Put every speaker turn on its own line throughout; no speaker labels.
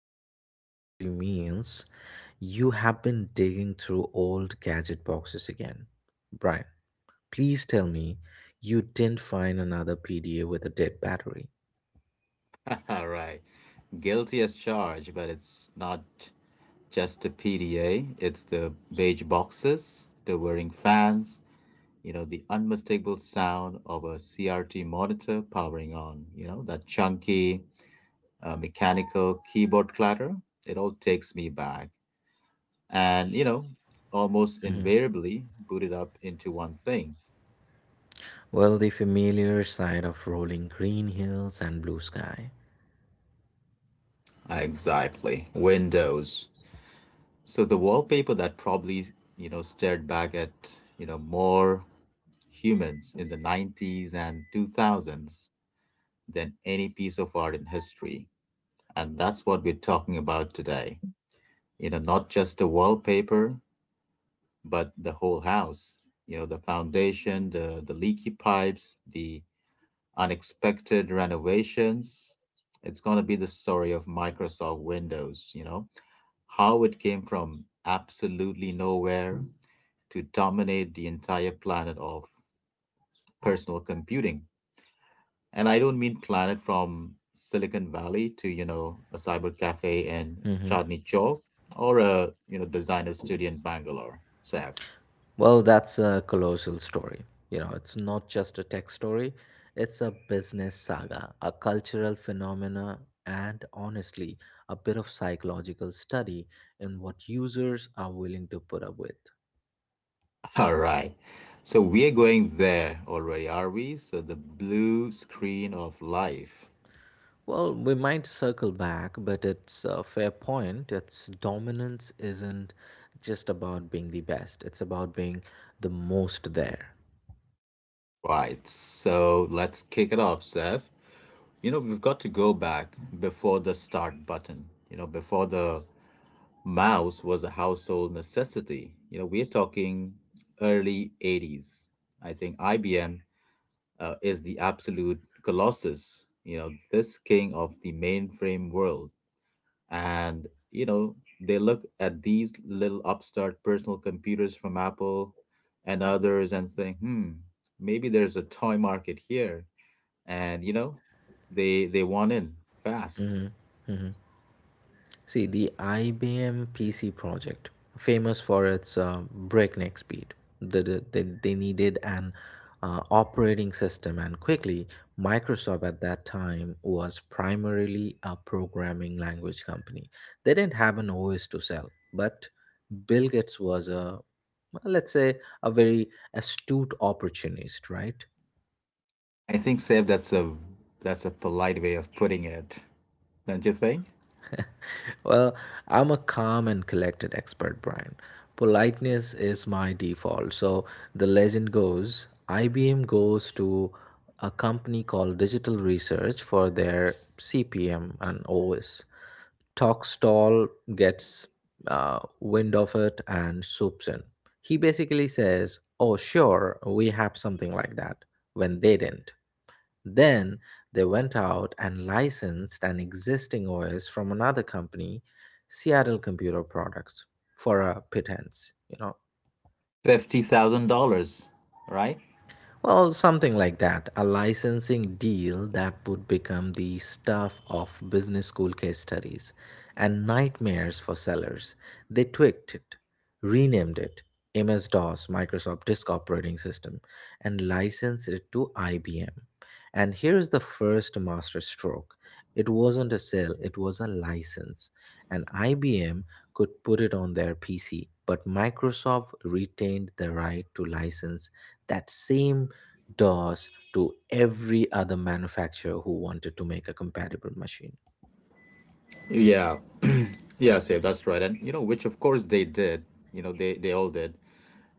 Nostalgic usually means you have been digging through old gadget boxes again. Brian, please tell me you didn't find another PDA with a dead battery.
All right, guilty as charged, but it's not just the PDA. It's the beige boxes, the whirring fans, you know, the unmistakable sound of a CRT monitor powering on, you know, that chunky mechanical keyboard clatter. It all takes me back. And, you know, almost
Mhm.
invariably booted up into one thing.
Well, the familiar sight of rolling green hills and blue sky.
Exactly. Windows. So the wallpaper that probably, you know, stared back at, you know, more humans in the 90s and 2000s than any piece of art in history. And that's what we're talking about today. You know, not just the wallpaper, but the whole house. You know, the foundation, the leaky pipes, the unexpected renovations. It's going to be the story of Microsoft Windows, you know, how it came from absolutely nowhere to dominate the entire planet of personal computing. And I don't mean planet from Silicon Valley to, you know, a cyber cafe in Chandni Chowk or a, you know, designer studio in Bangalore. So,
Well, that's a colossal story. You know, it's not just a tech story, it's a business saga, a cultural phenomena, and honestly, a bit of psychological study in what users are willing to put up with.
all right. So we are going there already, are we? So the blue screen of life.
Well, we might circle back, but it's a fair point. Its dominance isn't just about being the best, it's about being the most there.
Right. So let's kick it off, Seth. You know, we've got to go back before the start button, you know, before the mouse was a household necessity. You know, we're talking early 80s. I think IBM is the absolute colossus, you know, this king of the mainframe world. And, you know, they look at these little upstart personal computers from Apple and others and think, hmm, maybe there's a toy market here. And, you know, they want in fast.
See, the IBM PC project, famous for its breakneck speed, they needed an operating system, and quickly, Microsoft at that time was primarily a programming language company. They didn't have an OS to sell, but Bill Gates was a, well, let's say, a very astute opportunist, right?
I think, Seb, that's a polite way of putting it, don't you think?
Well, I'm a calm and collected expert, Brian. Politeness is my default. So the legend goes IBM goes to a company called Digital Research for their CPM and OS. Talkstall gets wind of it and swoops in. He basically says, "Oh, sure, we have something like that," when they didn't. Then they went out and licensed an existing OS from another company, Seattle Computer Products, for a pittance. You know,
$50,000, right?
well, something like that. A licensing deal that would become the stuff of business school case studies and nightmares for sellers. They tweaked it, renamed it MS DOS, Microsoft Disk Operating System, and licensed it to IBM. And here's the first master stroke: it wasn't a sale, it was a license. And IBM could put it on their PC, but Microsoft retained the right to license that same DOS to every other manufacturer who wanted to make a compatible machine.
Yeah, yeah, Seb, that's right. And you know, which of course they did. You know, they all did.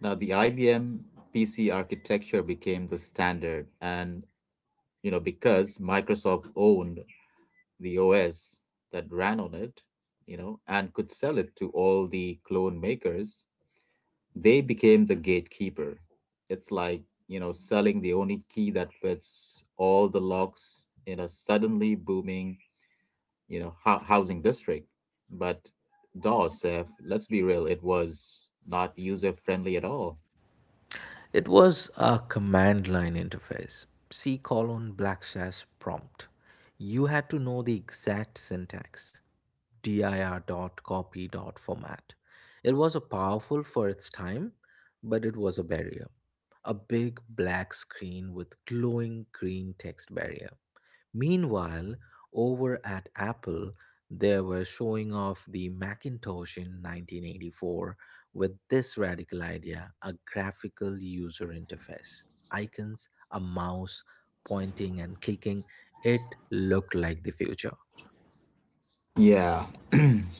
Now the IBM PC architecture became the standard, and you know because Microsoft owned the OS that ran on it, you know, and could sell it to all the clone makers, they became the gatekeeper. It's like, you know, selling the only key that fits all the locks in a suddenly booming, you know, housing district. But DOS, eh, let's be real, it was not user friendly at all.
It was a command line interface. C colon black slash prompt. You had to know the exact syntax. Dir dot copy dot format. It was a powerful for its time, but it was a barrier. A big black screen with glowing green text barrier. Meanwhile, over at Apple, they were showing off the Macintosh in 1984 with this radical idea: a graphical user interface. Icons, a mouse, pointing and clicking, it looked like the future.
Yeah,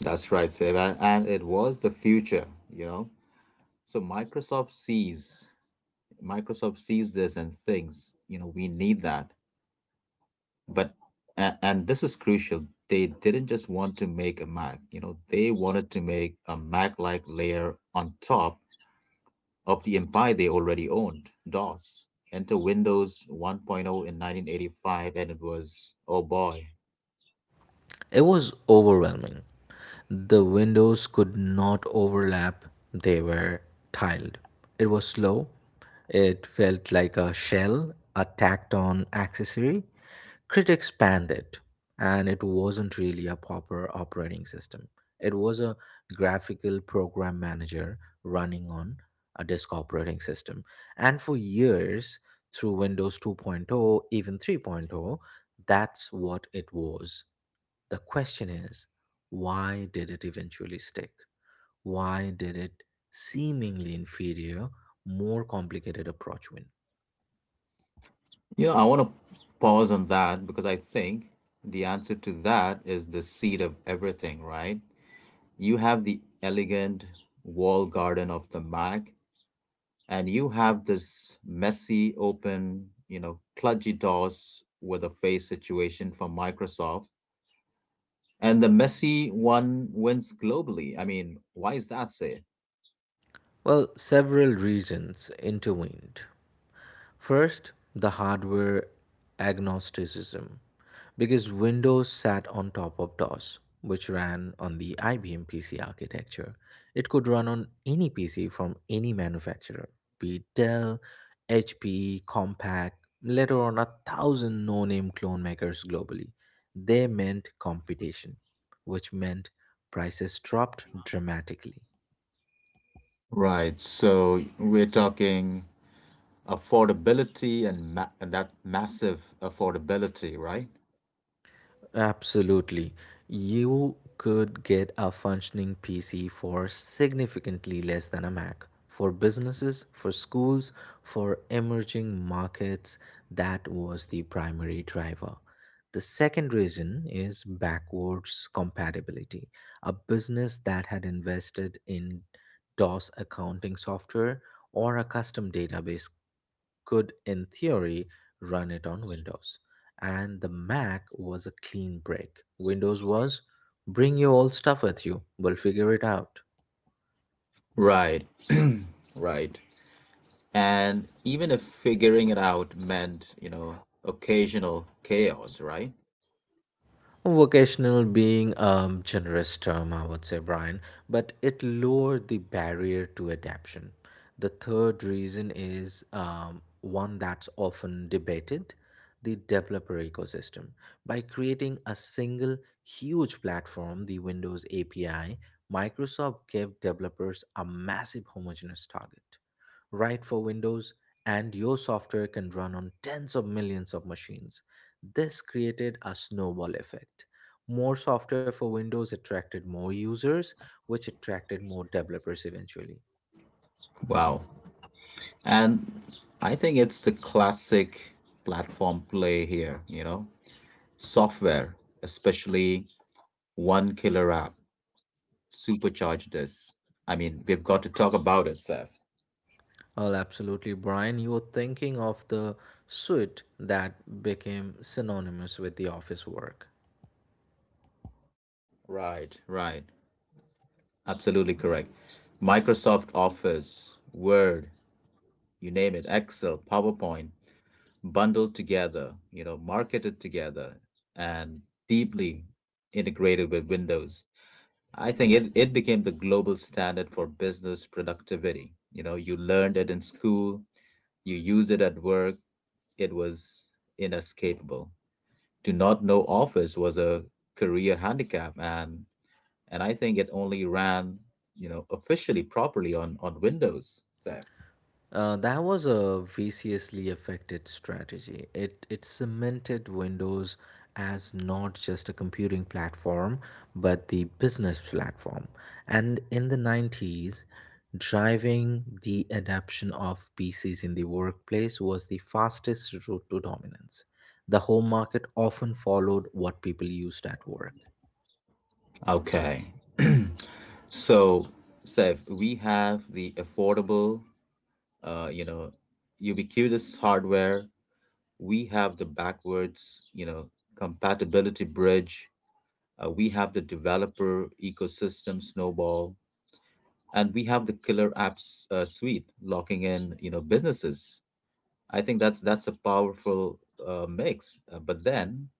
that's right, Seb. And it was the future, you know. So Microsoft sees this and thinks, you know, we need that. But and this is crucial, they didn't just want to make a Mac, you know, they wanted to make a mac like layer on top of the empire they already owned, DOS. Enter Windows 1.0 in 1985, and it was, oh boy.
It was overwhelming. The windows could not overlap, they were tiled. It was slow. It felt like a shell, a tacked on accessory. Critics panned it, and it wasn't really a proper operating system. It was a graphical program manager running on a disk operating system. And for years, through Windows 2.0, even 3.0, that's what it was. The question is, why did it eventually stick? Why did it seemingly inferior, more complicated approach win?
You know, I want to pause on that because I think the answer to that is the seed of everything, right? You have the elegant wall garden of the Mac, and you have this messy, open, you know, kludgy DOS with a face situation from Microsoft, and the messy one wins globally. I mean, why is that, say?
Well, several reasons intervened. First, the hardware agnosticism, because Windows sat on top of DOS, which ran on the IBM PC architecture. It could run on any PC from any manufacturer, be it Dell, HP, Compaq, later on a thousand no name clone makers globally. They meant competition, which meant prices dropped dramatically.
Right. So we're talking affordability, and and that massive affordability, right?
Absolutely. You could get a functioning PC for significantly less than a Mac. For businesses, for schools, for emerging markets, that was the primary driver. The second reason is backwards compatibility. A business that had invested in DOS accounting software or a custom database could, in theory, run it on Windows. And the Mac was a clean break. Windows was bring your old stuff with you, we'll figure it out.
Right, right. And even if figuring it out meant, you know, occasional chaos, right?
Vocational being a generous term, I would say, Brian, but it lowered the barrier to adaption. The third reason is one that's often debated: the developer ecosystem. By creating a single huge platform, the Windows API, Microsoft gave developers a massive homogeneous target. Write for Windows, and your software can run on tens of millions of machines. This created a snowball effect. More software for Windows attracted more users, which attracted more developers eventually.
Wow. And I think it's the classic platform play here, you know? Software, especially one killer app, supercharged this. I mean, we've got to talk about it, Seth.
Well, absolutely, Brian. You were thinking of the suite that became synonymous with the office work.
Right, right. Absolutely correct. Microsoft Office, Word, you name it, Excel, PowerPoint, bundled together, you know, marketed together and deeply integrated with Windows. I think it, it became the global standard for business productivity. You know, you learned it in school, you use it at work, it was inescapable. To not know Office was a career handicap, and I think it only ran, you know, officially properly on Windows. So
That was a viciously affected strategy. It cemented Windows as not just a computing platform, but the business platform. And in the 90s, driving the adoption of PCs in the workplace was the fastest route to dominance. The home market often followed what people used at work.
okay. So, Sev, we have the affordable, you know, ubiquitous hardware. We have the backwards, you know, compatibility bridge. We have the developer ecosystem snowball, and we have the killer apps suite locking in, you know, businesses. I think that's a powerful mix. But then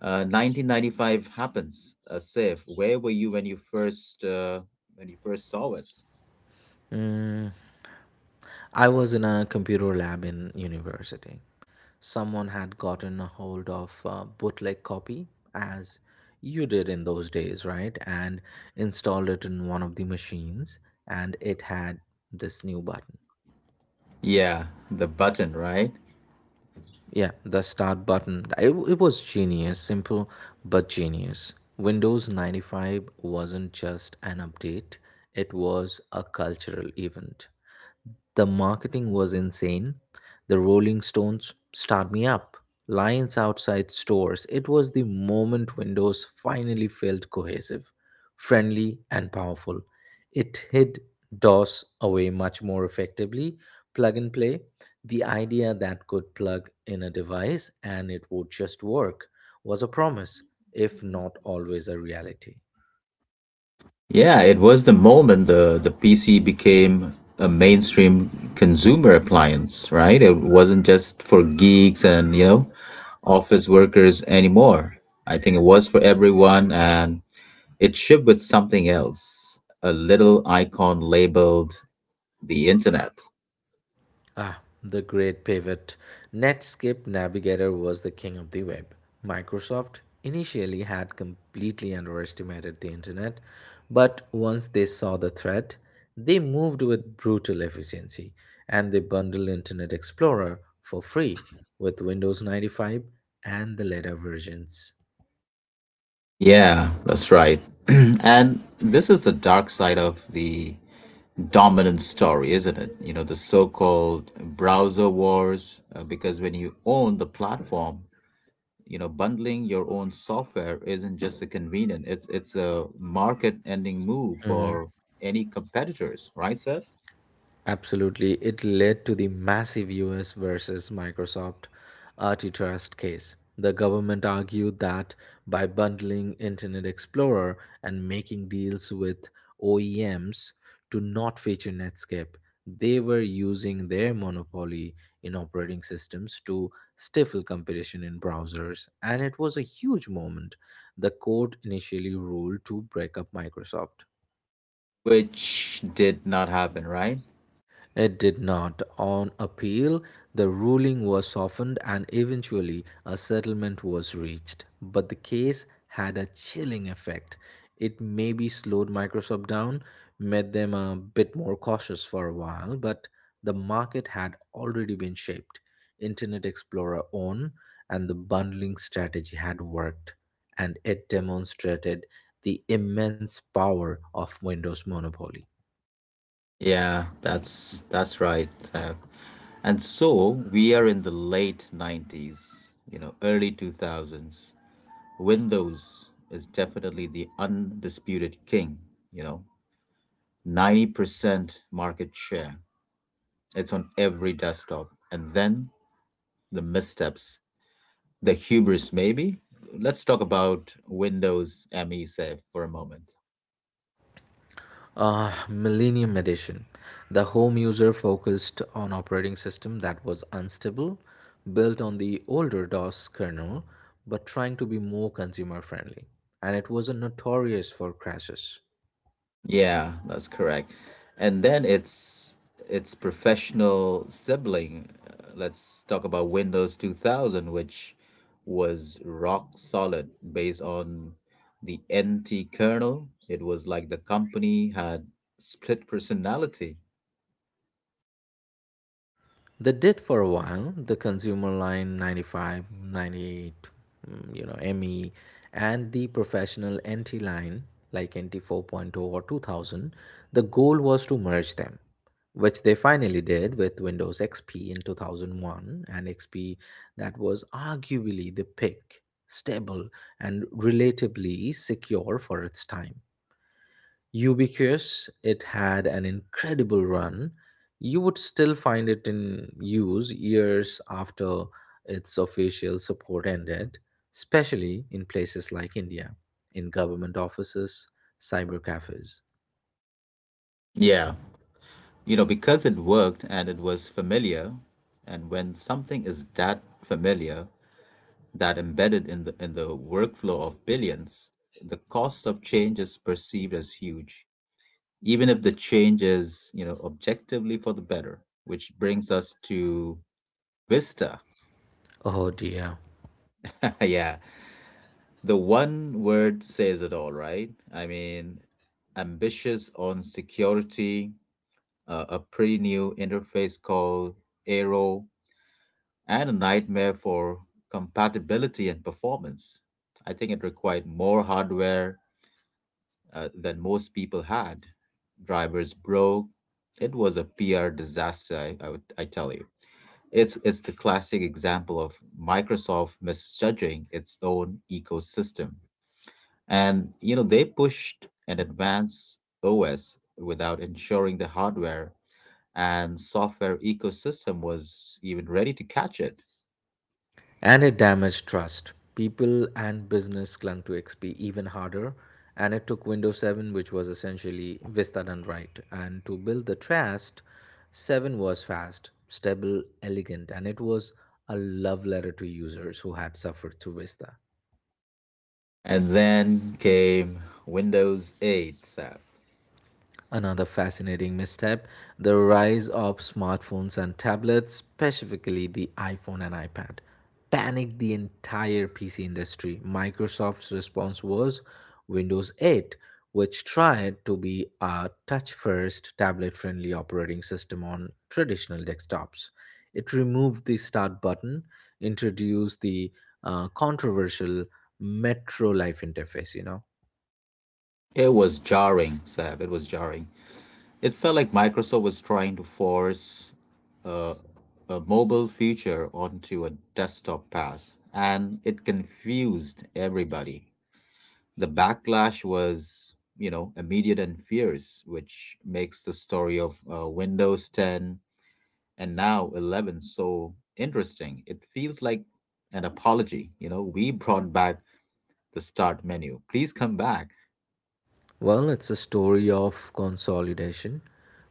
1995 happens, safe, where were you when you first saw it?
I was in a computer lab in university. Someone had gotten a hold of a bootleg copy, as you did in those days, right? And installed it in one of the machines, and it had this new button.
Yeah, the button, right?
Yeah, the start button. It was genius, simple but genius. Windows 95 wasn't just an update, it was a cultural event. The marketing was insane. The Rolling Stones start me up. Lines outside stores. It was the moment windows finally felt cohesive, friendly, and powerful. It hid DOS away much more effectively. Plug and play, the idea that could plug in a device and it would just work, was a promise, if not always a reality.
Yeah, it was the moment the PC became a mainstream consumer appliance, right? It wasn't just for geeks and you know office workers anymore. I think it was for everyone, and it shipped with something else, a little icon labeled the internet.
Ah, the great pivot. Netscape Navigator was the king of the web. Microsoft initially had completely underestimated the internet, but once they saw the threat, they moved with brutal efficiency and they bundled Internet Explorer for free with Windows 95 and the later versions.
Yeah, that's right. And this is the dark side of the dominant story, isn't it? You know, the so called browser wars, because when you own the platform, you know, bundling your own software isn't just a convenient, it's a market ending move for any competitors, right, Seth?
Absolutely. It led to the massive US versus Microsoft antitrust case. The government argued that by bundling Internet Explorer and making deals with OEMs to not feature Netscape, they were using their monopoly in operating systems to stifle competition in browsers, and it was a huge moment. The court initially ruled to break up Microsoft.
Which did not happen, right?
It did not. On appeal, the ruling was softened and eventually a settlement was reached. But the case had a chilling effect. It maybe slowed Microsoft down, made them a bit more cautious for a while, but the market had already been shaped. Internet Explorer on and the bundling strategy had worked, and it demonstrated the immense power of Windows monopoly.
Yeah, that's right. And so we are in the late 90s, you know, early 2000s. Windows is definitely the undisputed king, you know, 90% market share. It's on every desktop. And then the missteps, the hubris maybe. Let's talk about Windows ME Save for a moment.
Millennium Edition. The home user focused on operating system that was unstable, built on the older DOS kernel, but trying to be more consumer friendly. And it was a notorious for crashes.
Yeah, that's correct. And then it's professional sibling. Let's talk about Windows 2000, which was rock solid based on the NT kernel. It was like the company had split personality.
They did for a while. The Consumer Line 95, 98, you know, ME, and the Professional NT Line like NT 4.0 point oh or 2000. The goal was to merge them, which they finally did with Windows XP in 2001, and XP that was arguably the pick, stable, and relatively secure for its time. Ubiquitous, it had an incredible run. You would still find it in use years after its official support ended, especially in places like India, in government offices, cyber cafes.
Yeah. You know, because it worked and it was familiar, and when something is that familiar, that embedded in the workflow of billions, the cost of change is perceived as huge, even if the change is you know objectively for the better. Which brings us to Vista.
Oh dear.
Yeah, the one word says it all, right? I mean, ambitious on security, a pretty new interface called Aero, and a nightmare for compatibility and performance. I think it required more hardware, than most people had. Drivers broke. It was a PR disaster, I tell you. It's the classic example of Microsoft misjudging its own ecosystem. And, you know, they pushed an advanced OS without ensuring the hardware and software ecosystem was even ready to catch it.
And it damaged trust. People and business clung to XP even harder, and it took Windows 7, which was essentially Vista done right. And to build the trust, 7 was fast, stable, elegant, and it was a love letter to users who had suffered through Vista.
And then came Windows 8, Sav.
Another fascinating misstep: the rise of smartphones and tablets, specifically the iPhone and iPad, panicked the entire PC industry. Microsoft's response was Windows 8, which tried to be a touch first, tablet friendly operating system on traditional desktops. It removed the start button, introduced the controversial Metro Life interface, you know.
It was jarring, Sav. It was jarring. It felt like Microsoft was trying to force a, a mobile future onto a desktop pass, and it confused everybody. The backlash was, you know, immediate and fierce, which makes the story of Windows 10 and now 11 so interesting. It feels like an apology, you know, we brought back the start menu. Please come back.
Well, it's a story of consolidation.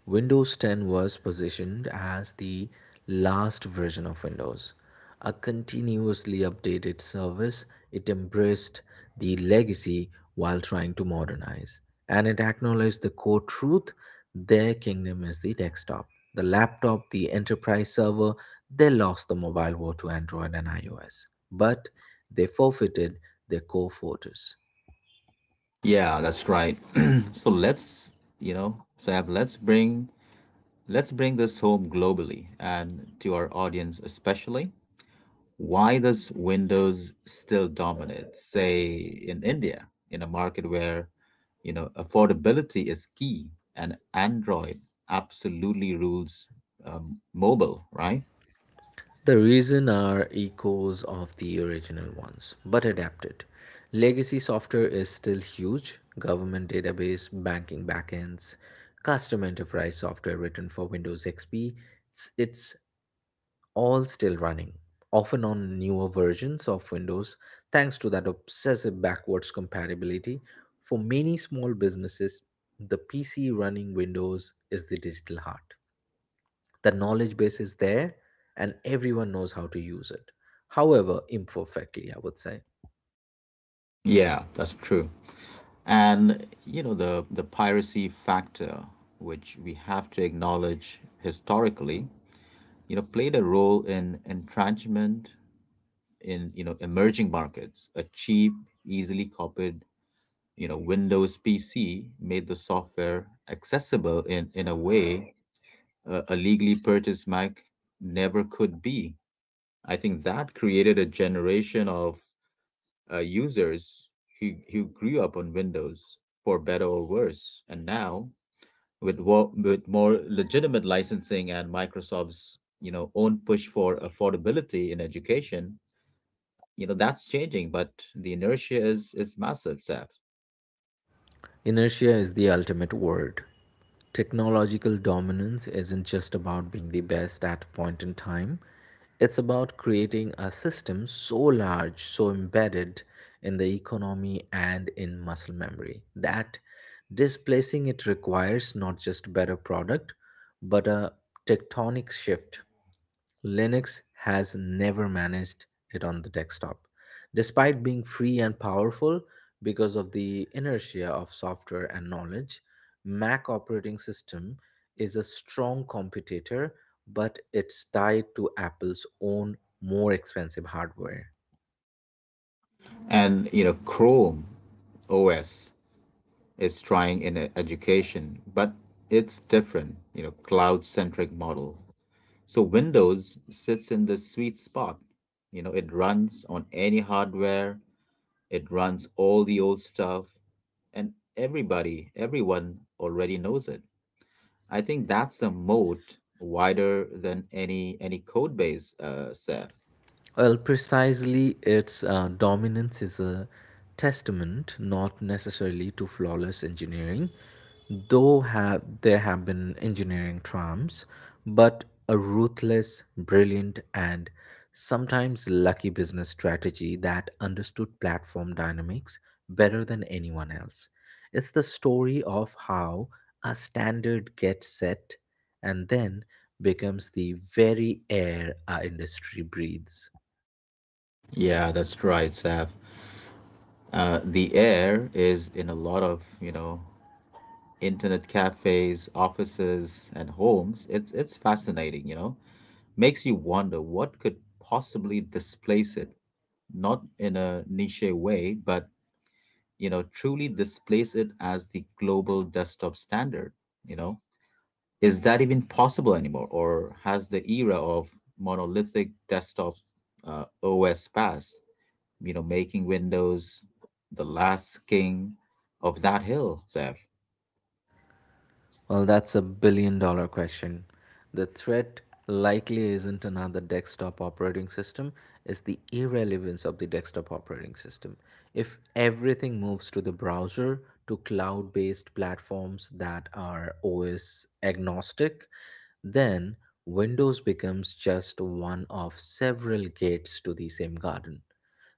Windows 10 was positioned as the last version of Windows, a continuously updated service. It embraced the legacy while trying to modernize, and it acknowledged the core truth: their kingdom is the desktop, the laptop, the enterprise server. They lost the mobile war to Android and iOS, but they forfeited their core fortress.
Yeah, that's right. So let's, you know, Sam, let's bring this home globally and to our audience especially. Why does Windows still dominate, say in India, in a market where, you know, affordability is key and Android absolutely rules mobile, right?
The reason are echoes of the original ones, but adapted. Legacy software is still huge. Government database, banking backends, custom enterprise software written for Windows XP, it's all still running, often on newer versions of Windows, thanks to that obsessive backwards compatibility. For many small businesses, the PC running Windows is the digital heart. The knowledge base is there and everyone knows how to use it, however imperfectly, I would say.
Yeah, that's true. And you know the piracy factor, which we have to acknowledge historically, you know, played a role in entrenchment in you know emerging markets. A cheap, easily copied, you know, Windows PC made the software accessible in a way a legally purchased Mac never could be. I think that created a generation of users who grew up on Windows for better or worse, and now with with more legitimate licensing and Microsoft's you know own push for affordability in education, you know that's changing, but the inertia is massive, Seth.
Inertia is the ultimate word. Technological dominance isn't just about being the best at a point in time, it's about creating a system so large, so embedded in the economy and in muscle memory that displacing it requires not just better product, but a tectonic shift. Linux has never managed it on the desktop, despite being free and powerful because of the inertia of software and knowledge. Mac operating system is a strong competitor, but it's tied to Apple's own more expensive hardware.
And you know Chrome OS is trying in education, but it's different, you know, cloud centric model. So Windows sits in the sweet spot, you know, it runs on any hardware, it runs all the old stuff, and everybody everyone already knows it. I think that's a moat wider than any code base, Seth.
Well, precisely, its dominance is a testament not necessarily to flawless engineering, though there have been engineering triumphs, but a ruthless, brilliant, and sometimes lucky business strategy that understood platform dynamics better than anyone else. It's the story of how a standard gets set and then becomes the very air our industry breathes.
Yeah, that's right, Seth. The air is in a lot of, you know, internet cafes, offices, and homes. It's fascinating, you know. Makes you wonder what could possibly displace it, not in a niche way, but you know, truly displace it as the global desktop standard, you know. Is that even possible anymore, or has the era of monolithic desktop OS passed? You know, making Windows the last king of that hill, Seth.
Well, that's a billion dollar question. The threat likely isn't another desktop operating system, it's the irrelevance of the desktop operating system. If everything moves to the browser, to cloud based platforms that are OS agnostic, then Windows becomes just one of several gates to the same garden.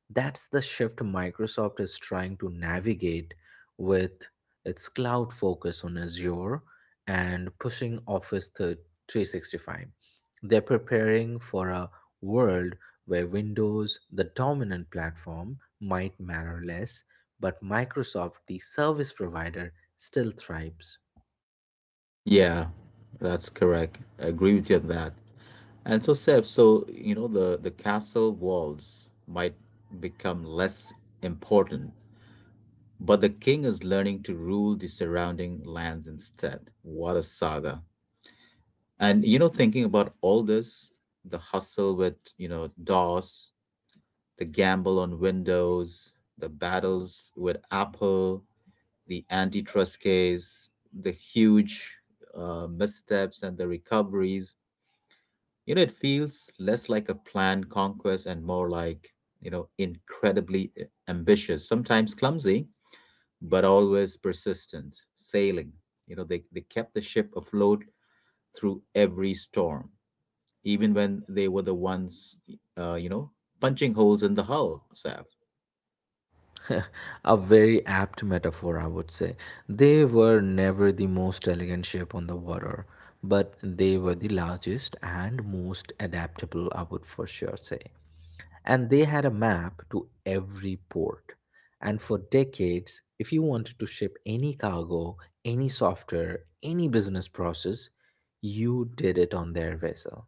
That's the shift Microsoft is trying to navigate with its cloud focus on Azure and pushing 365. They're preparing for a world where Windows, the dominant platform, might matter less, but Microsoft, the service provider, still thrives.
Yeah, that's correct. I agree with you on that. And so, Seb, so you know the castle walls might become less important, but the king is learning to rule the surrounding lands instead. What a saga! And you know, thinking about all this, the hustle with you know DOS, the gamble on Windows, the battles with Apple, the antitrust case, the huge missteps and the recoveries. You know, it feels less like a planned conquest and more like, incredibly ambitious, sometimes clumsy, but always persistent, sailing. You know, they kept the ship afloat through every storm, even when they were the ones, uh, you know, punching holes in the hull, Saf.
A very apt metaphor, I would say. They were never the most elegant ship on the water, but they were the largest and most adaptable, I would for sure say. And they had a map to every port. And for decades, if you wanted to ship any cargo, any software, any business process, you did it on their vessel.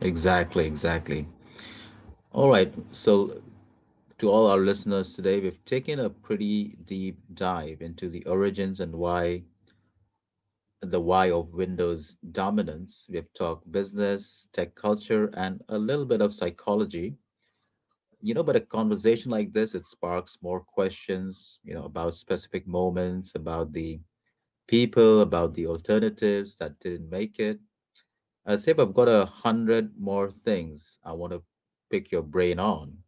Exactly, exactly. All right, so to all our listeners today. We've taken a pretty deep dive into the origins and why the why of Windows dominance. We've talked business, tech culture, and a little bit of psychology. You know, but a conversation like this, it sparks more questions, you know, about specific moments, about the people, about the alternatives that didn't make it. Sib, I've got a hundred more things I want to pick your brain on.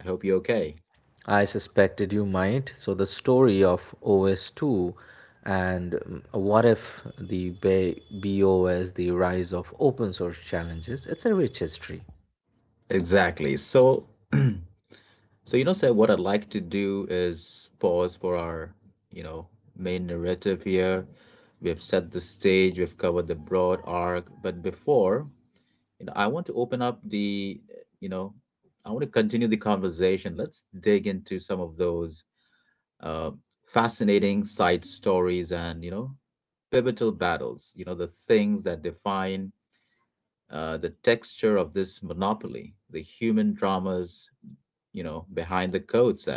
I hope you're okay.
I suspected you might. So the story of OS2 and what if BOS, the rise of open source challenges, it's a rich history.
Exactly. So So, you know, sir, what I'd like to do is pause for our, you know, main narrative here. We have set the stage, we've covered the broad arc, but before, I want to open up the, you know, I want to continue the conversation. Let's dig into some of those uh, fascinating side stories and, you know, pivotal battles, you know, the things that define the texture of this monopoly, the human dramas, you know, behind the codes.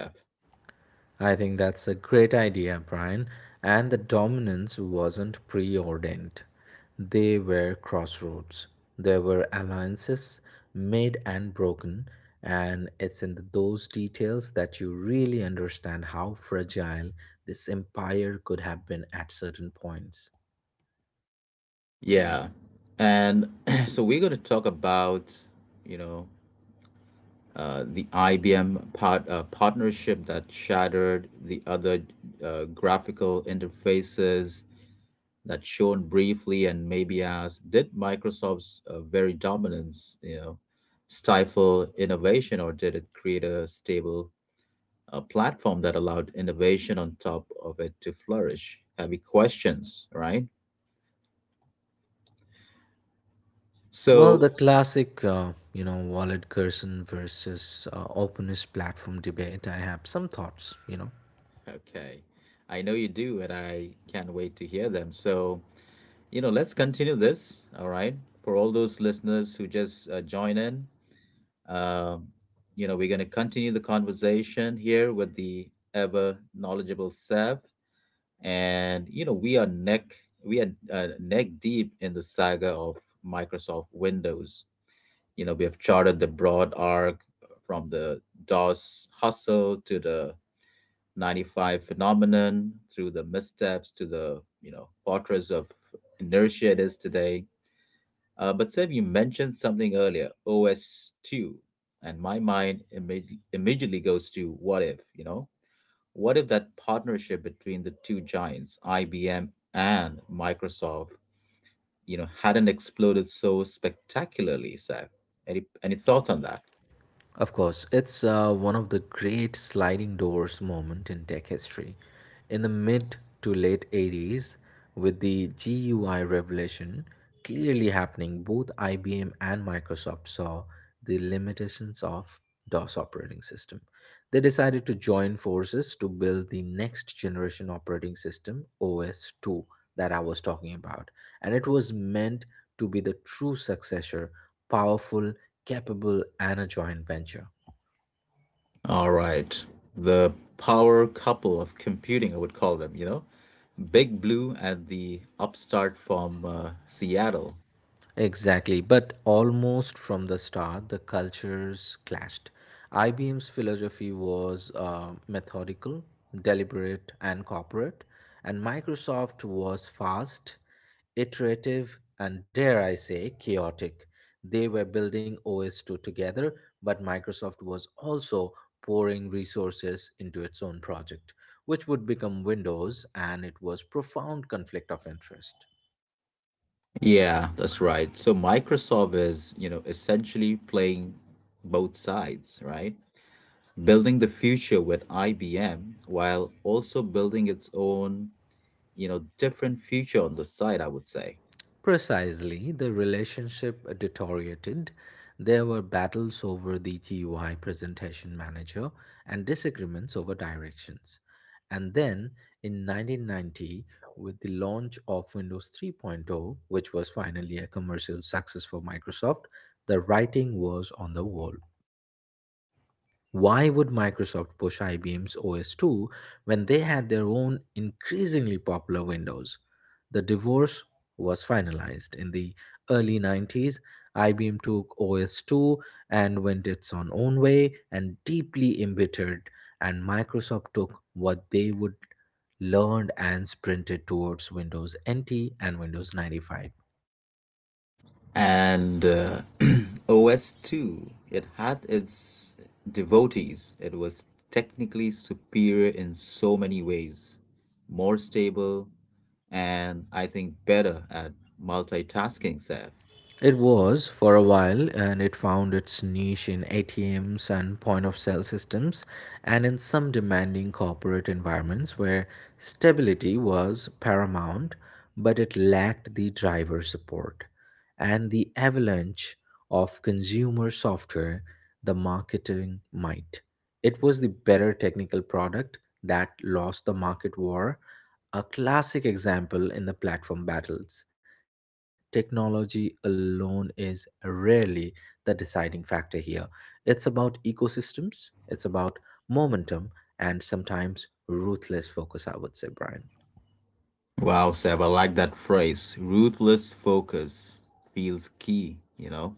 I think that's a great idea, Brian. And the dominance wasn't preordained. They were crossroads. There were alliances made and broken, and it's in those details that you really understand how fragile this empire could have been at certain points.
Yeah. And so we're going to talk about, you know, the IBM partnership that shattered, the other graphical interfaces that shone briefly and maybe asked, did Microsoft's very dominance, you know, stifle innovation or did it create a stable platform that allowed innovation on top of it to flourish? Heavy questions, right?
Well,
So
the classic, Wallet Gerson versus Openness platform debate, I have some thoughts,
okay. I know you do, and I can't wait to hear them. So, you know, let's continue this. All right. For all those listeners who just join in, um, you know, we're going to continue the conversation here with the ever knowledgeable Seb. And, you know, we are neck deep in the saga of Microsoft Windows. You know, we have charted the broad arc from the DOS hustle to the 95 phenomenon through the missteps to the you know fortress of inertia it is today. But Seb, you mentioned something earlier OS/2, and my mind immediately goes to what if, you know, what if that partnership between the two giants IBM and Microsoft, you know, hadn't exploded so spectacularly, Seb? Any thoughts on that?
Of course, it's one of the great sliding doors moment in tech history. In the mid to late 80s, with the GUI revolution clearly happening, both IBM and Microsoft saw the limitations of DOS operating system. They decided to join forces to build the next generation operating system, OS2, that I was talking about. And it was meant to be the true successor, powerful, capable, and a joint venture.
All right. The power couple of computing, I would call them, you know? Big Blue and the upstart from Seattle.
Exactly, but almost from the start, the cultures clashed. IBM's philosophy was methodical, deliberate, and corporate, and Microsoft was fast, iterative, and dare I say, chaotic. They were building OS2 together, but Microsoft was also pouring resources into its own project, which would become Windows, and it was profound conflict of interest.
Yeah, that's right. So Microsoft is, you know, essentially playing both sides, right? Building the future with IBM while also building its own, you know, different future on the side, I would say.
Precisely, the relationship deteriorated. There were battles over the GUI presentation manager and disagreements over directions. And then in 1990, with the launch of Windows 3.0, point oh, which was finally a commercial success for Microsoft, the writing was on the wall. Why would Microsoft push IBM's OS2 when they had their own increasingly popular Windows? The divorce was finalized. In the early 90s, IBM took OS2 and went its own way and deeply embittered, and Microsoft took what they would learned and sprinted towards Windows NT and Windows 95.
And OS/2, it had its devotees. It was technically superior in so many ways, more stable, and I think better at multitasking, Seb.
It was for a while and it found its niche in ATMs and point of sale systems and in some demanding corporate environments where stability was paramount, but it lacked the driver support. And the avalanche of consumer software, the marketing might. It was the better technical product that lost the market war, a classic example in the platform battles technology alone is rarely the deciding factor here. It's about ecosystems, it's about momentum, and sometimes ruthless focus, I would say, Brian.
Wow, Seb, I like that phrase ruthless focus, feels key, you know.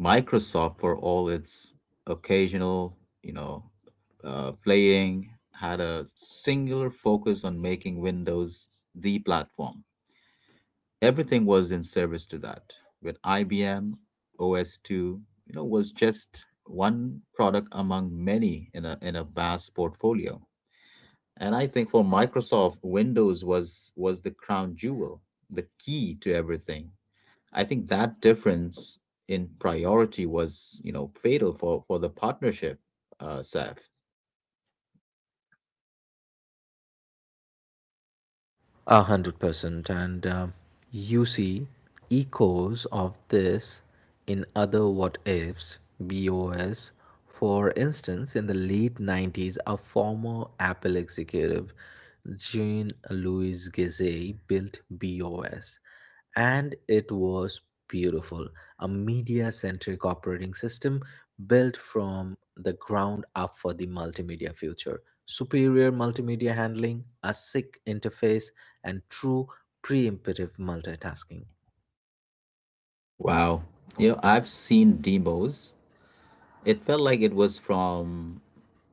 Microsoft, for all its occasional, you know, playing, had a singular focus on making Windows the platform. Everything was in service to that. With IBM, OS/2, you know, was just one product among many in a vast portfolio. And I think for Microsoft, Windows was the crown jewel, the key to everything. I think that difference in priority was, you know, fatal for the partnership, Seth.
100%. And you see echoes of this in other what ifs, BOS. For instance, in the late 90s, a former Apple executive, Jean Louis Gizet, built BOS. And it was beautiful, a media centric operating system built from the ground up for the multimedia future. Superior multimedia handling, a sick interface, and true preemptive multitasking.
Wow. You know, I've seen demos. It felt like it was from,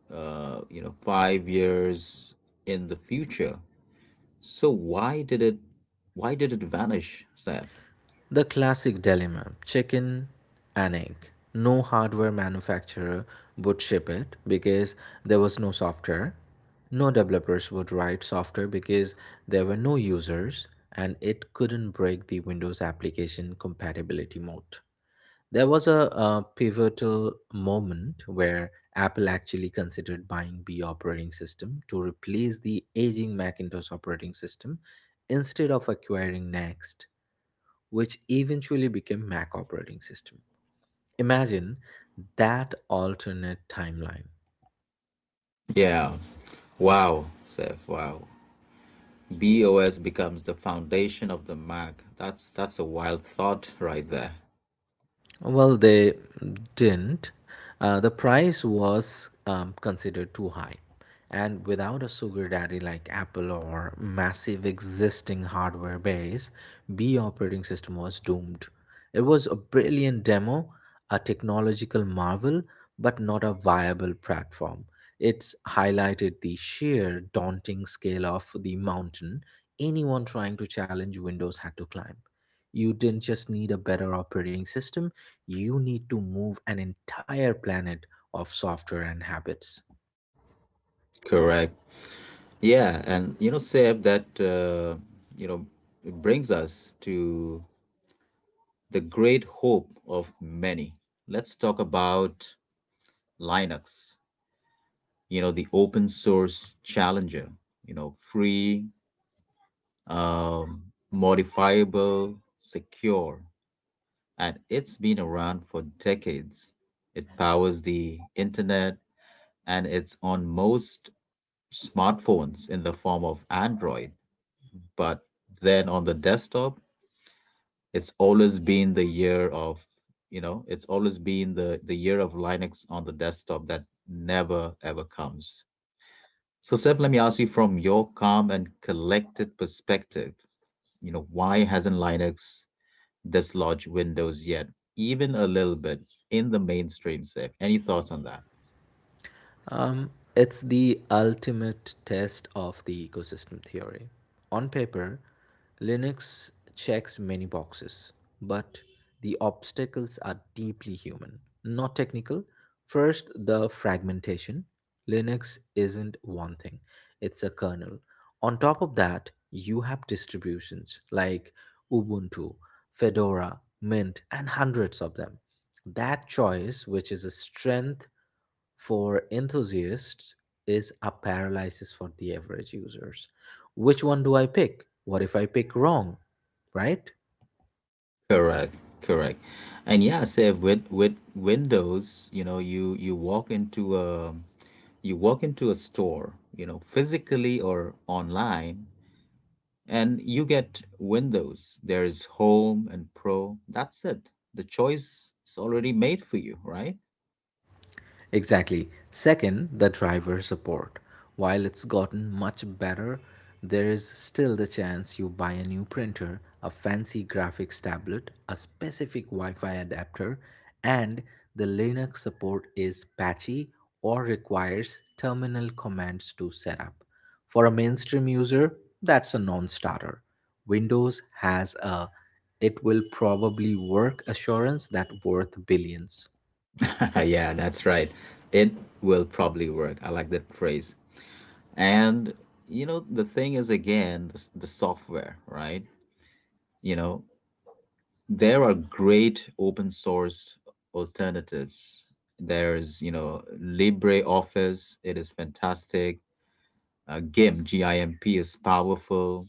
5 years in the future. So why did it vanish, Seth?
The classic dilemma chicken and egg. No hardware manufacturer would ship it because there was no software. No developers would write software because there were no users and it couldn't break the Windows application compatibility mode. There was a, pivotal moment where Apple actually considered buying B operating system to replace the aging Macintosh operating system instead of acquiring Next which eventually became Mac operating system. Imagine that alternate timeline.
Yeah. Wow, Seth. Wow. BOS becomes the foundation of the Mac. That's a wild thought right there.
Well, they didn't. The price was considered too high. And without a sugar daddy like Apple or massive existing hardware base, B operating system was doomed. It was a brilliant demo, a technological marvel, but not a viable platform. It's highlighted the sheer daunting scale of the mountain anyone trying to challenge Windows had to climb. You didn't just need a better operating system, you need to move an entire planet of software and habits.
Correct. Yeah, and you know, Seb, that you know it brings us to the great hope of many. Let's talk about Linux. You know, the open source challenger. You know, free, modifiable, secure, and it's been around for decades. It powers the internet, and it's on most smartphones in the form of Android, but then on the desktop It's always been the year of, it's always been the year of Linux on the desktop that never ever comes. So, Seth, let me ask you from your calm and collected perspective, you know, why hasn't Linux dislodged Windows yet, even a little bit in the mainstream, Seth? Any thoughts on that?
It's the ultimate test of the ecosystem theory. On paper, Linux checks many boxes, but the obstacles are deeply human, not technical. First, the fragmentation. Linux isn't one thing, it's a kernel. On top of that, you have distributions like Ubuntu, Fedora, Mint, and hundreds of them. That choice, which is a strength for enthusiasts is a paralysis for the average users. Which one do I pick? What if I pick wrong? Right?
Correct, correct. And yeah, say with you know, you walk into a store, you know, physically or online, and you get Windows. There is Home and Pro. That's it. The choice is already made for you, right?
Exactly. Second, the driver support. While it's gotten much better, there is still the chance you buy a new printer, a fancy graphics tablet, a specific Wi Fi adapter, and the Linux support is patchy or requires terminal commands to set up. For a mainstream user, that's a non starter. Windows has a it will probably work assurance that worth billions.
Yeah, that's right. It will probably work. I like that phrase. And you know, the thing is again, the software, right? You know, there are great open source alternatives. There's, you know, LibreOffice. It is fantastic. GIMP, GIMP is powerful.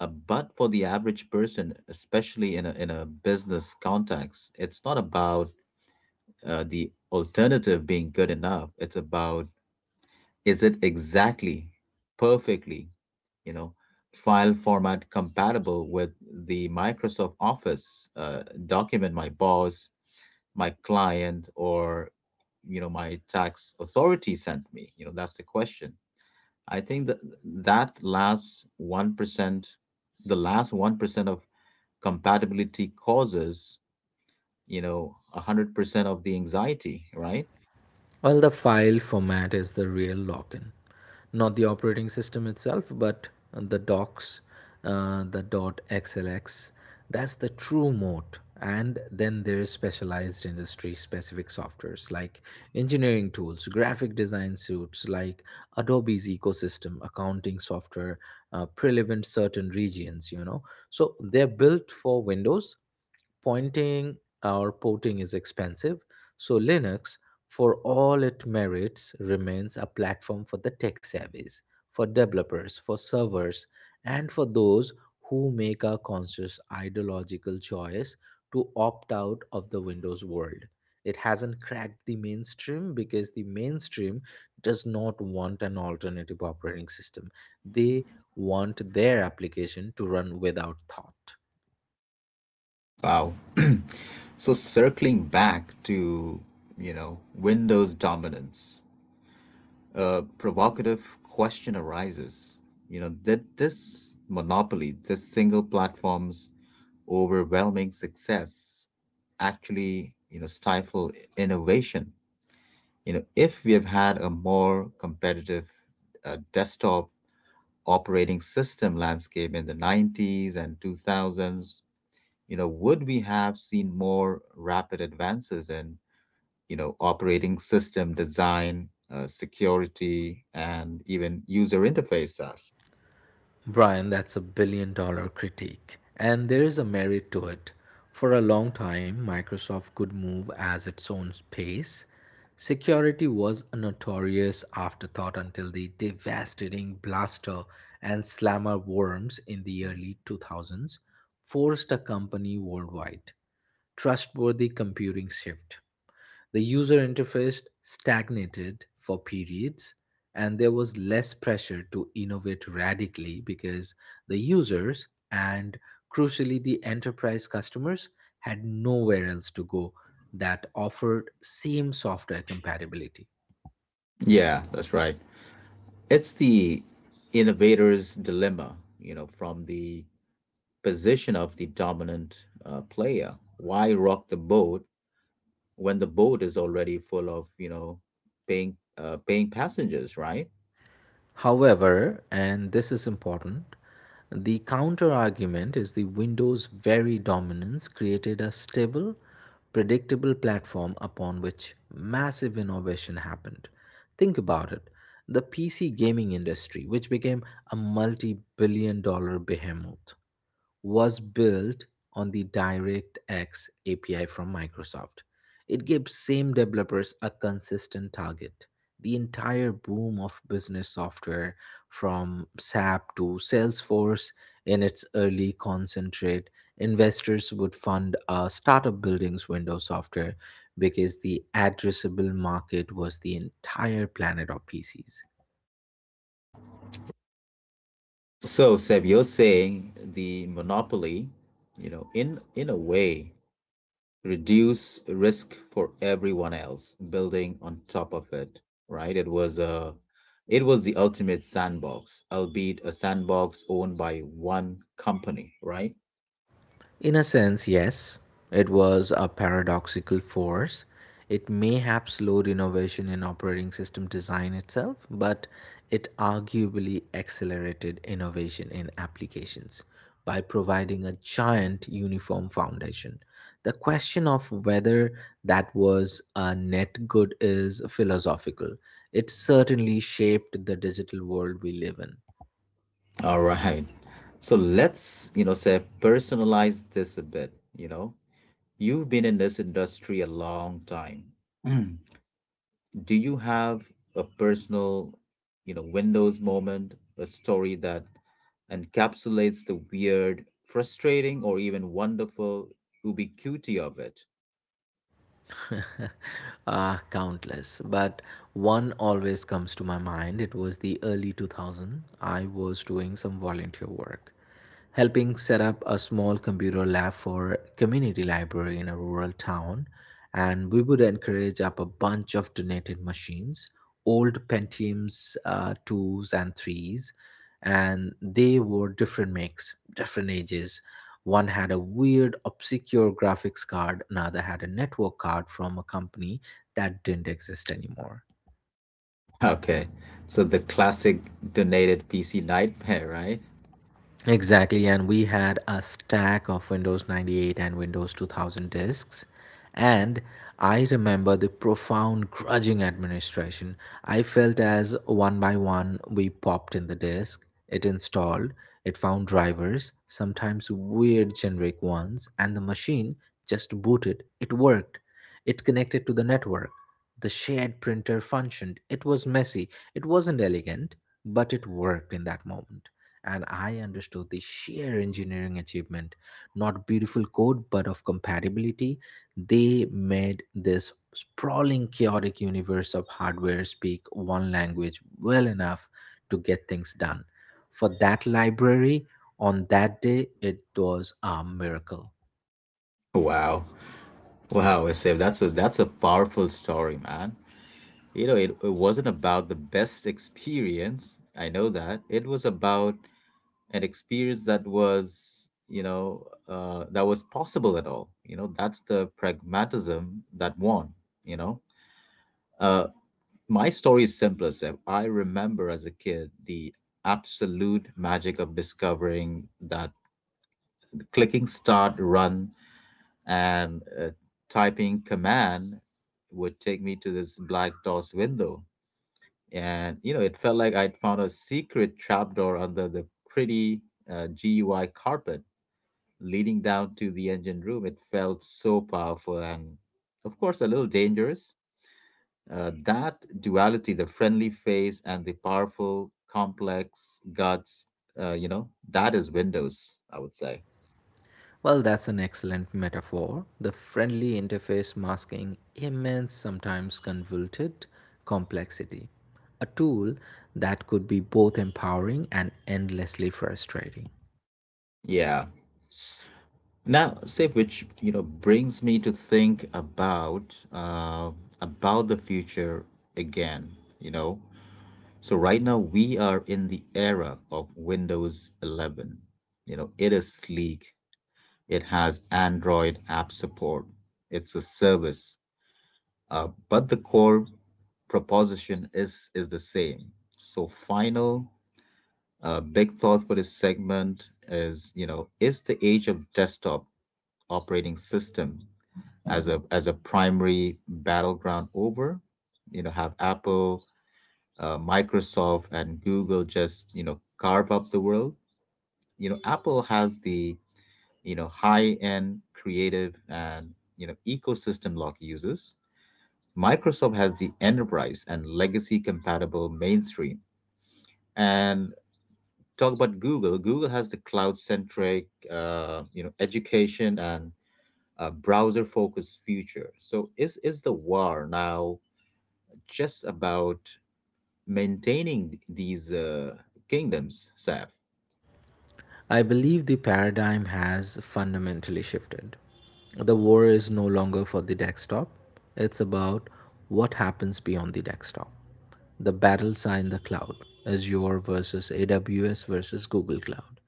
But for the average person, especially in a business context, it's not about the alternative being good enough. It's about is it exactly, perfectly, you know, file format compatible with the Microsoft Office document my boss, my client, or you know my tax authority sent me, you know, that's the question. I think that last 1%, the last 1% of compatibility causes, you know, 100% of the anxiety, right?
Well, the file format is the real lock-in, not the operating system itself, but the docs, the .xlx. That's the true moat. And then there is specialized industry-specific softwares like engineering tools, graphic design suites like Adobe's ecosystem, accounting software, relevant certain regions. So they're built for Windows pointing or porting is expensive, so Linux, for all it merits, remains a platform for the tech savvies, for developers, for servers, and for those who make a conscious ideological choice to opt out of the Windows world. It hasn't cracked the mainstream because the mainstream does not want an alternative operating system. They want their application to run without thought.
Wow, so circling back to, you know, Windows dominance, a provocative question arises: you know, did this monopoly, this single platforms overwhelming success actually, you know, stifle innovation? You know, if we have had a more competitive desktop operating system landscape in the 90s and 2000s, you know, would we have seen more rapid advances in, you know, operating system design, security, and even user interface stuff?
Brian, that's a billion dollar critique. And there is a merit to it. For a long time, Microsoft could move as its own pace. Security was a notorious afterthought until the devastating Blaster and Slammer worms in the early 2000s forced a company worldwide. Trustworthy computing shift. The user interface stagnated for periods, and there was less pressure to innovate radically because the users and crucially the enterprise customers had nowhere else to go that offered same software compatibility.
Yeah, that's right. It's the innovator's dilemma, you know, from the position of the dominant player. Why rock the boat when the boat is already full of, you know, paying paying passengers, right?
However, and this is important, the counter argument is the Windows' very dominance created a stable, predictable platform upon which massive innovation happened. Think about it the PC gaming industry, which became a multi billion dollar behemoth was built on the DirectX API from Microsoft. It gives same developers a consistent target. The entire boom of business software from SAP to Salesforce in its early concentrate, investors would fund a startup building's Windows software because the addressable market was the entire planet of PCs.
So Seb, you're saying the monopoly, you know, in a way, reduce risk for everyone else, building on top of it, right? It was the ultimate sandbox, albeit a sandbox owned by one company, right?
In a sense, yes. It was a paradoxical force. It may have slowed innovation in operating system design itself, but it arguably accelerated innovation in applications by providing a giant uniform foundation. The question of whether that was a net good is philosophical. It certainly shaped the digital world we live in.
All right. So let's, you know, say personalize this a bit, you know. You've been in this industry a long time. Mm. Do you have a personal, you know, Windows moment, a story that encapsulates the weird, frustrating, or even wonderful ubiquity of it?
Ah, countless. But one always comes to my mind. It was the early 2000. I was doing some volunteer work, helping set up a small computer lab for community library in a rural town, and we would encourage up a bunch of donated machines, old Pentiums twos and threes, and they were different makes, different ages, one had a weird, obscure graphics card, another had a network card from a company that didn't exist anymore.
Okay. So the classic donated PC nightmare, right?
Exactly, and we had a stack of Windows 98 and Windows 2000 disks. And I remember the profound grudging administration. I felt as one by one we popped in the disk, it installed, it found drivers, sometimes weird generic ones, and the machine just booted. It worked. It connected to the network. The shared printer functioned. It was messy. It wasn't elegant, but it worked in that moment and I understood the sheer engineering achievement, not beautiful code, but of compatibility. They made this sprawling, chaotic universe of hardware speak one language well enough to get things done. For that library, on that day, it was a miracle.
Wow. Wow, Asif, that's a powerful story, man. You know, it wasn't about the best experience. I know that. It was about an experience that was, that was possible at all. You know, that's the pragmatism that won, you know. Uh, my story is simpler, Seb. I remember as a kid the absolute magic of discovering that clicking start, run, and typing command would take me to this black DOS window, and you know it felt like I'd found a secret trapdoor under the pretty gui carpet, leading down to the engine room. It felt so powerful and, of course, a little dangerous. That duality, the friendly face and the powerful complex guts, you know, that is Windows, I would say.
Well, that's an excellent metaphor. The friendly interface masking immense, sometimes convoluted complexity. A tool that could be both empowering and endlessly frustrating.
Yeah, now say which, you know, brings me to think about the future again, you know. So right now we are in the era of Windows 11. You know, it is sleek. It has Android app support. It's a service, but the core proposition is the same. So final big thought for this segment is, you know, is the age of desktop operating system as a primary battleground over. You know, have Apple, Microsoft, and Google just, you know, carve up the world. You know, Apple has the, you know, high end creative and, you know, ecosystem lock users. Microsoft has the enterprise and legacy compatible mainstream. And talk about Google. Google has the cloud centric, you know, education and browser focused future. So is the war now just about maintaining these kingdoms, Saf?
I believe the paradigm has fundamentally shifted. The war is no longer for the desktop, it's about what happens beyond the desktop. The battles are in the cloud Azure versus AWS versus Google Cloud.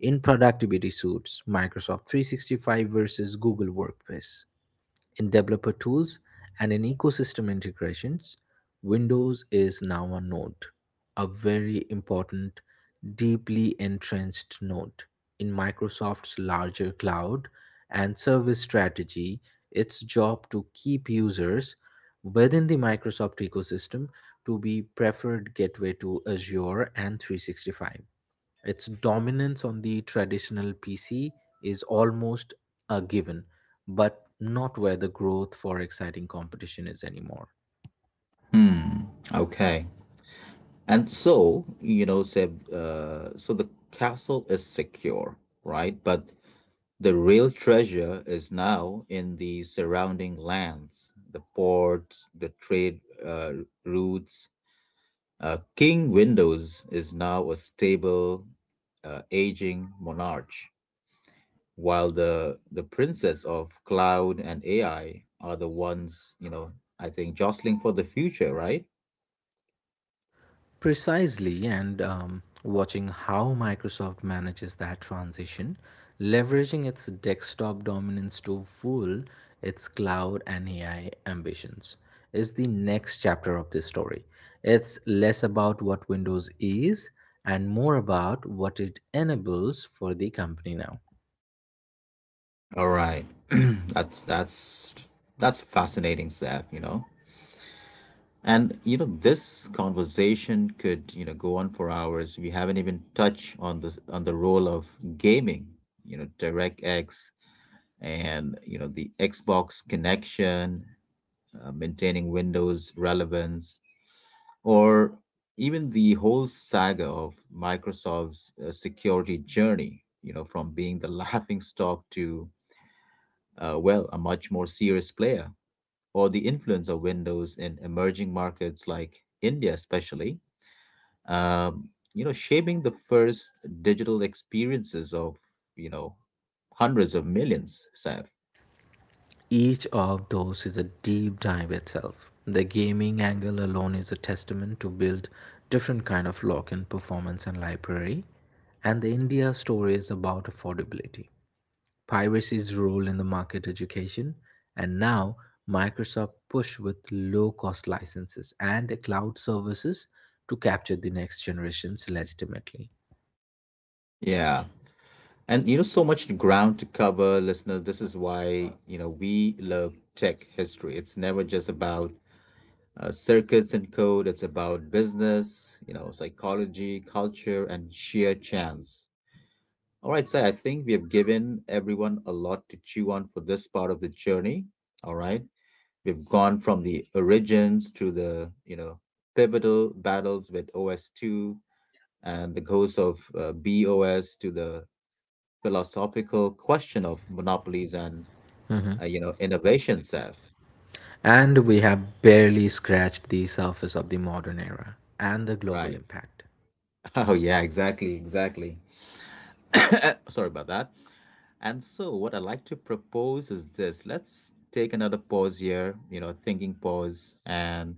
In productivity suits, Microsoft 365 versus Google Workspace. In developer tools and in ecosystem integrations, Windows is now a node, a very important, deeply entrenched node. In Microsoft's larger cloud and service strategy, its job to keep users within the Microsoft ecosystem to be preferred gateway to Azure and 365. Its dominance on the traditional PC is almost a given, but not where the growth for exciting competition is anymore.
Hmm. Okay. And so, you know, Seb, so the castle is secure, right? But the real treasure is now in the surrounding lands, the ports, the trade routes. King Windows is now a stable, aging monarch, while the princess of cloud and AI are the ones, you know, I think jostling for the future, right?
Precisely, and watching how Microsoft manages that transition, leveraging its desktop dominance to fuel its cloud and AI ambitions, is the next chapter of this story. It's less about what Windows is and more about what it enables for the company now.
All right. That's that's fascinating, Seth, you know. And you know, this conversation could, you know, go on for hours. We haven't even touched on the role of gaming, you know, DirectX and, you know, the Xbox connection, maintaining Windows relevance, or even the whole saga of Microsoft's security journey, you know, from being the laughing stock to well, a much more serious player, or the influence of windows in emerging markets like India, especially, you know, shaping the first digital experiences of, you know, hundreds of millions, Saif.
Each of those is a deep dive itself. The gaming angle alone is a testament to build different kind of lock in performance and library. And the India story is about affordability, piracy's role in the market education, and now Microsoft pushed with low cost licenses and the cloud services to capture the next generations legitimately.
Yeah. And you know, so much ground to cover, listeners. This is why, you know, we love tech history. It's never just about circuits and code. It's about business, you know, psychology, culture, and sheer chance. All right, so I think we have given everyone a lot to chew on for this part of the journey. All right. We've gone from the origins to the, you know, pivotal battles with OS2 and the ghost of BOS to the philosophical question of monopolies and, you know, innovation, Seth.
And we have barely scratched the surface of the modern era and the global
Right.
impact.
Oh, yeah, exactly, exactly. Sorry about that. And so, what I'd like to propose is this: let's take another pause here, you know, thinking pause. And,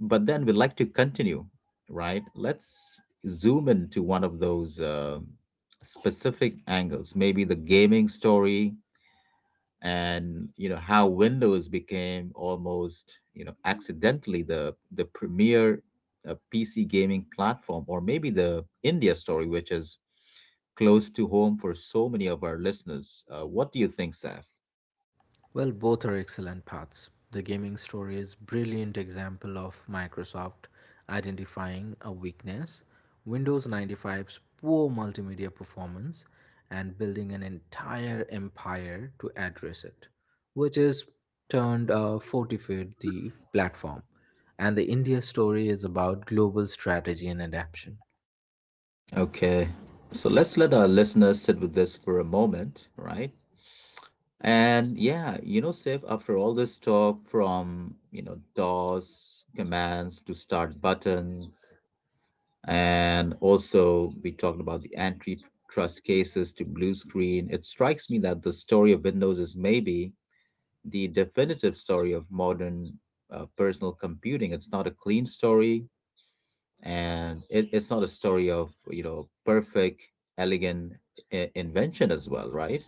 but then we'd like to continue, right? Let's zoom into one of those specific angles, maybe the gaming story and, you know, how Windows became almost, you know, accidentally the premier PC gaming platform, or maybe the India story, which is close to home for so many of our listeners. What do you think, Saf?
Well, both are excellent paths. The gaming story is brilliant example of Microsoft identifying a weakness, Windows 95's poor multimedia performance, and building an entire empire to address it, which has turned a fortified the platform. And the India story is about global strategy and adaptation.
Okay, so let's let our listeners sit with this for a moment, right? And yeah, you know, Saf, after all this talk from, you know, DOS commands to start buttons, and also we talked about the antitrust cases to blue screen, it strikes me that the story of Windows is maybe the definitive story of modern personal computing. It's not a clean story, and it's not a story of, you know, perfect, elegant, invention as well, right?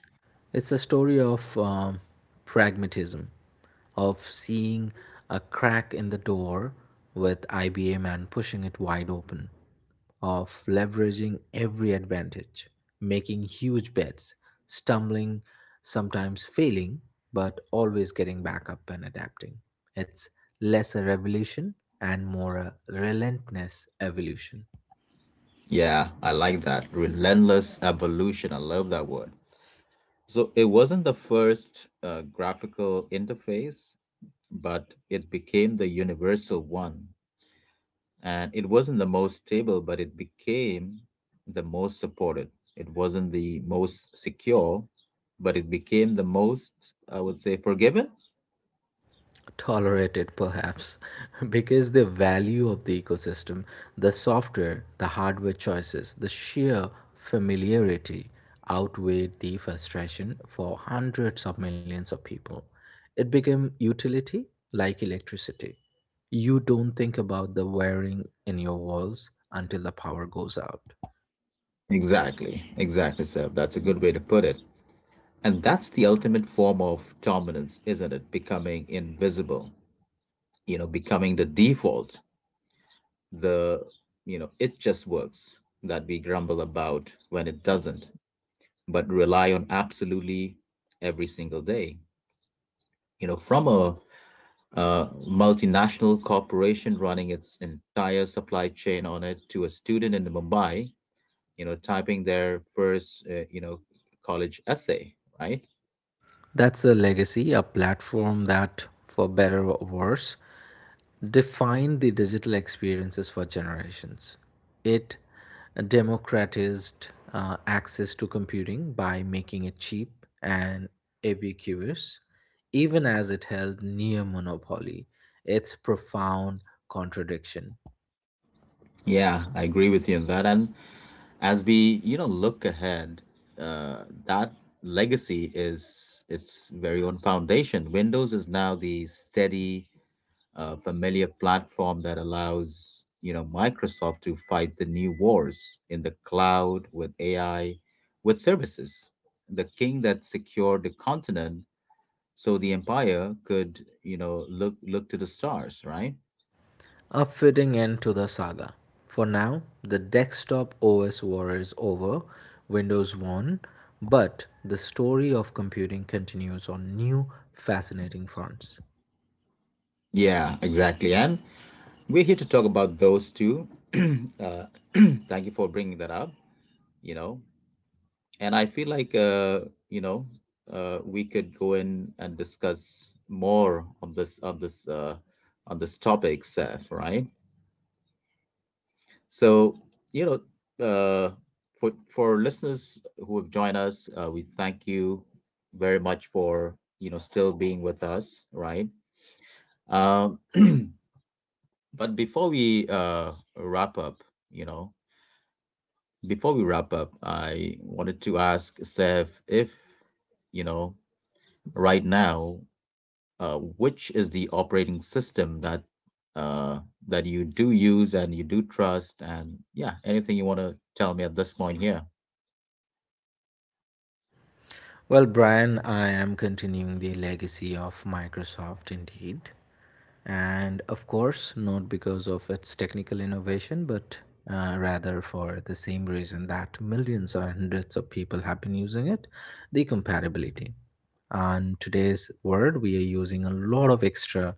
It's a story of pragmatism, of seeing a crack in the door with IBM and pushing it wide open, of leveraging every advantage, making huge bets, stumbling, sometimes failing, but always getting back up and adapting. It's less a revolution and more a relentless evolution.
Yeah, I like that, relentless evolution. I love that word. So it wasn't the first graphical interface, but it became the universal one. And it wasn't the most stable, but it became the most supported. It wasn't the most secure, but it became the most, I would say, forgiven.
Tolerated perhaps, because the value of the ecosystem, the software, the hardware choices, the sheer familiarity outweighed the frustration for hundreds of millions of people. It became utility, like electricity. You don't think about the wiring in your walls until the power goes out.
Exactly, exactly, sir. That's a good way to put it. And that's the ultimate form of dominance, isn't it? Becoming invisible, you know, becoming the default, the, you know, it just works, that we grumble about when it doesn't, but rely on absolutely every single day. You know, from a multinational corporation running its entire supply chain on it to a student in Mumbai, you know, typing their first, you know, college essay, right?
That's a legacy, a platform that, for better or worse, defined the digital experiences for generations. It democratized access to computing by making it cheap and ubiquitous, even as it held near monopoly, its profound contradiction.
Yeah, I agree with you on that. And as we, you know, look ahead, that legacy is its very own foundation. Windows is now the steady, familiar platform that allows, you know, Microsoft to fight the new wars in the cloud, with AI, with services. The king that secured the continent so the empire could, you know, look to the stars, right?
A fitting end to the saga. For now, the desktop OS war is over, Windows won, but the story of computing continues on new, fascinating fronts.
Yeah, exactly. And we're here to talk about those two. uh, Thank you for bringing that up, you know. And I feel like, you know, we could go in and discuss more on this on this topic, Seth. Right? So, you know, uh, for listeners who have joined us, we thank you very much for, you know, still being with us. Right? Um, but before we wrap up, you know, before we wrap up, I wanted to ask Seth if, you know, right now, which is the operating system that uh, that you do use and you do trust, and yeah, anything you want to tell me at this point here?
Well, Brian, I am continuing the legacy of Microsoft indeed. And of course, not because of its technical innovation, but rather for the same reason that millions or hundreds of people have been using it, the compatibility. On today's world, we are using a lot of extra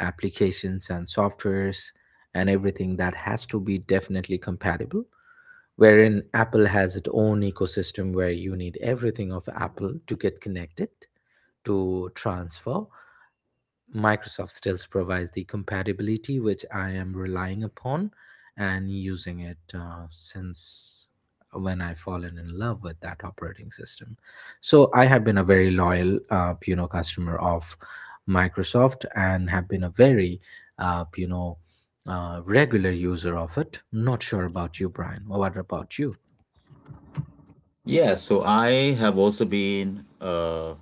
applications and softwares, and everything that has to be definitely compatible, wherein Apple has its own ecosystem where you need everything of Apple to get connected, to transfer. Microsoft still provides the compatibility which I am relying upon and using it since when I've fallen in love with that operating system. So I have been a very loyal, customer of Microsoft and have been a very, uh, you know, regular user of it. Not sure about you, Brian. What about you?
Yeah, so I have also been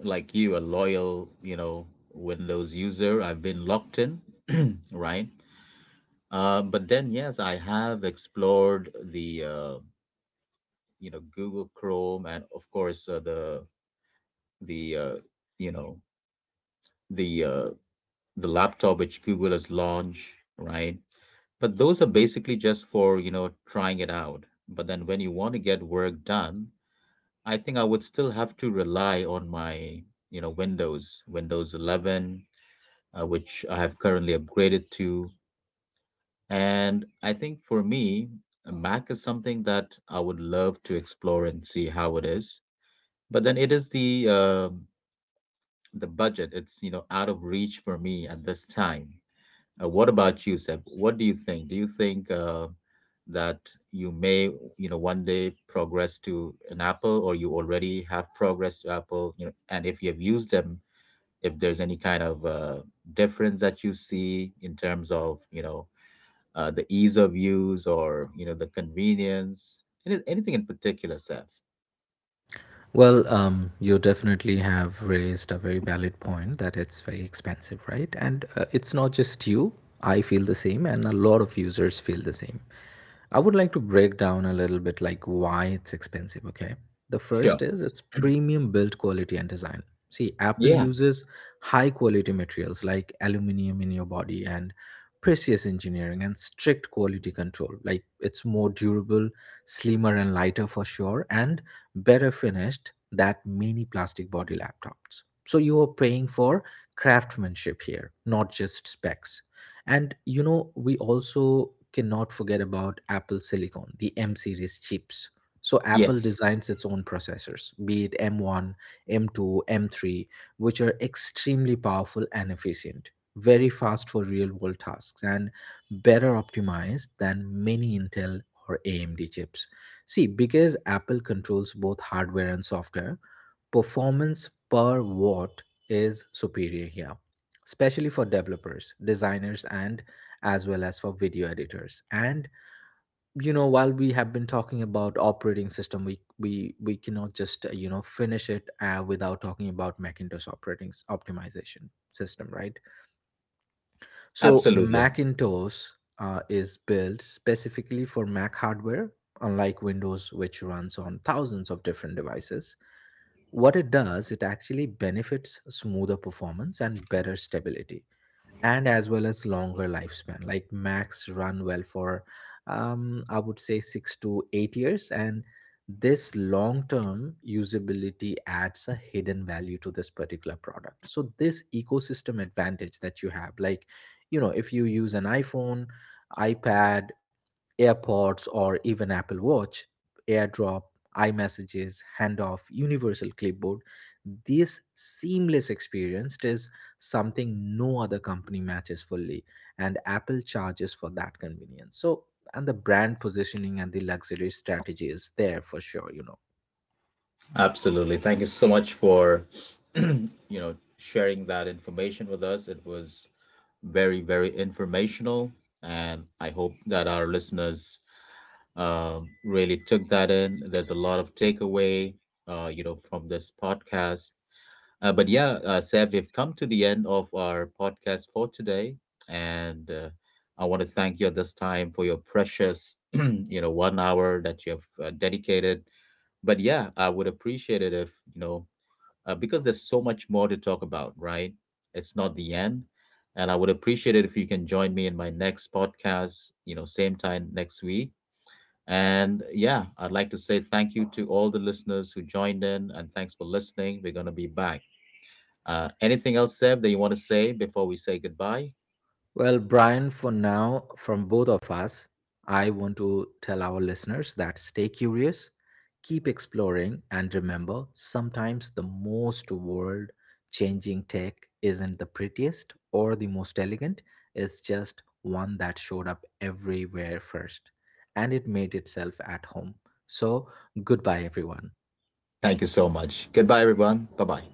like you, a loyal, you know, Windows user. I've been locked in, right? But then yes, I have explored the you know, Google Chrome, and of course the you know, the uh, the laptop which Google has launched, right? But those are basically just for, you know, trying it out. But then when you want to get work done, I think I would still have to rely on my, you know, Windows 11, which I have currently upgraded to. And I think for me, a Mac is something that I would love to explore and see how it is, but then it is the budget, it's, you know, out of reach for me at this time. What about you, Seb? What do you think? Do you think that you may, you know, one day progress to an Apple, or you already have progressed to Apple, you know? And if you have used them, if there's any kind of difference that you see in terms of, you know, the ease of use or, you know, the convenience, anything in particular, Seb?
Well, you definitely have raised a very valid point that it's very expensive, right? And it's not just you. I feel the same, and a lot of users feel the same. I would like to break down a little bit like why it's expensive, okay? The first
Sure.
is it's premium build quality and design. See, Apple
Yeah.
uses high quality materials like aluminum in your body and precious engineering and strict quality control. Like, it's more durable, slimmer and lighter for sure, and better finished than many plastic body laptops. So you are paying for craftsmanship here, not just specs. And you know, we also cannot forget about Apple Silicon, the M series chips. So Apple
Yes.
designs its own processors, be it M1, M2, M3, which are extremely powerful and efficient, very fast for real world tasks, and better optimized than many Intel or AMD chips. See, because Apple controls both hardware and software, performance per watt is superior here, especially for developers, designers, and as well as for video editors. And you know, while we have been talking about operating system, we cannot just you know, finish it without talking about macintosh optimization system, right? So
Absolutely.
macintosh is built specifically for mac hardware, unlike windows which runs on thousands of different devices. What it does, it actually benefits smoother performance and better stability, and as well as longer lifespan. Like Macs run well for, I would say, 6 to 8 years, and this long term usability adds a hidden value to this particular product. So, this ecosystem advantage that you have, like, you know, if you use an iPhone, iPad, AirPods, or even Apple Watch, AirDrop, iMessages, Handoff, Universal Clipboard. This seamless experience is something no other company matches fully, and Apple charges for that convenience. So, and the brand positioning and the luxury strategy is there for sure, you know.
Absolutely, thank you so much for you know, sharing that information with us. It was very, very informational. And I hope that our listeners really took that in. There's a lot of takeaway, you know, from this podcast. But yeah, Sev, we've come to the end of our podcast for today. And I want to thank you at this time for your precious, you know, 1 hour that you have dedicated. But yeah, I would appreciate it if, you know, because there's so much more to talk about, right? It's not the end. And I would appreciate it if you can join me in my next podcast, you know, same time next week. And yeah, I'd like to say thank you to all the listeners who joined in, and thanks for listening. We're going to be back. Anything else, Seb, that you want to say before we say goodbye?
Well, Brian, for now, from both of us, I want to tell our listeners that stay curious, keep exploring, and remember sometimes the most world changing tech isn't the prettiest or the most elegant, it's just one that showed up everywhere first and it made itself at home. So, goodbye, everyone.
Thank you so much. Goodbye, everyone. Bye bye.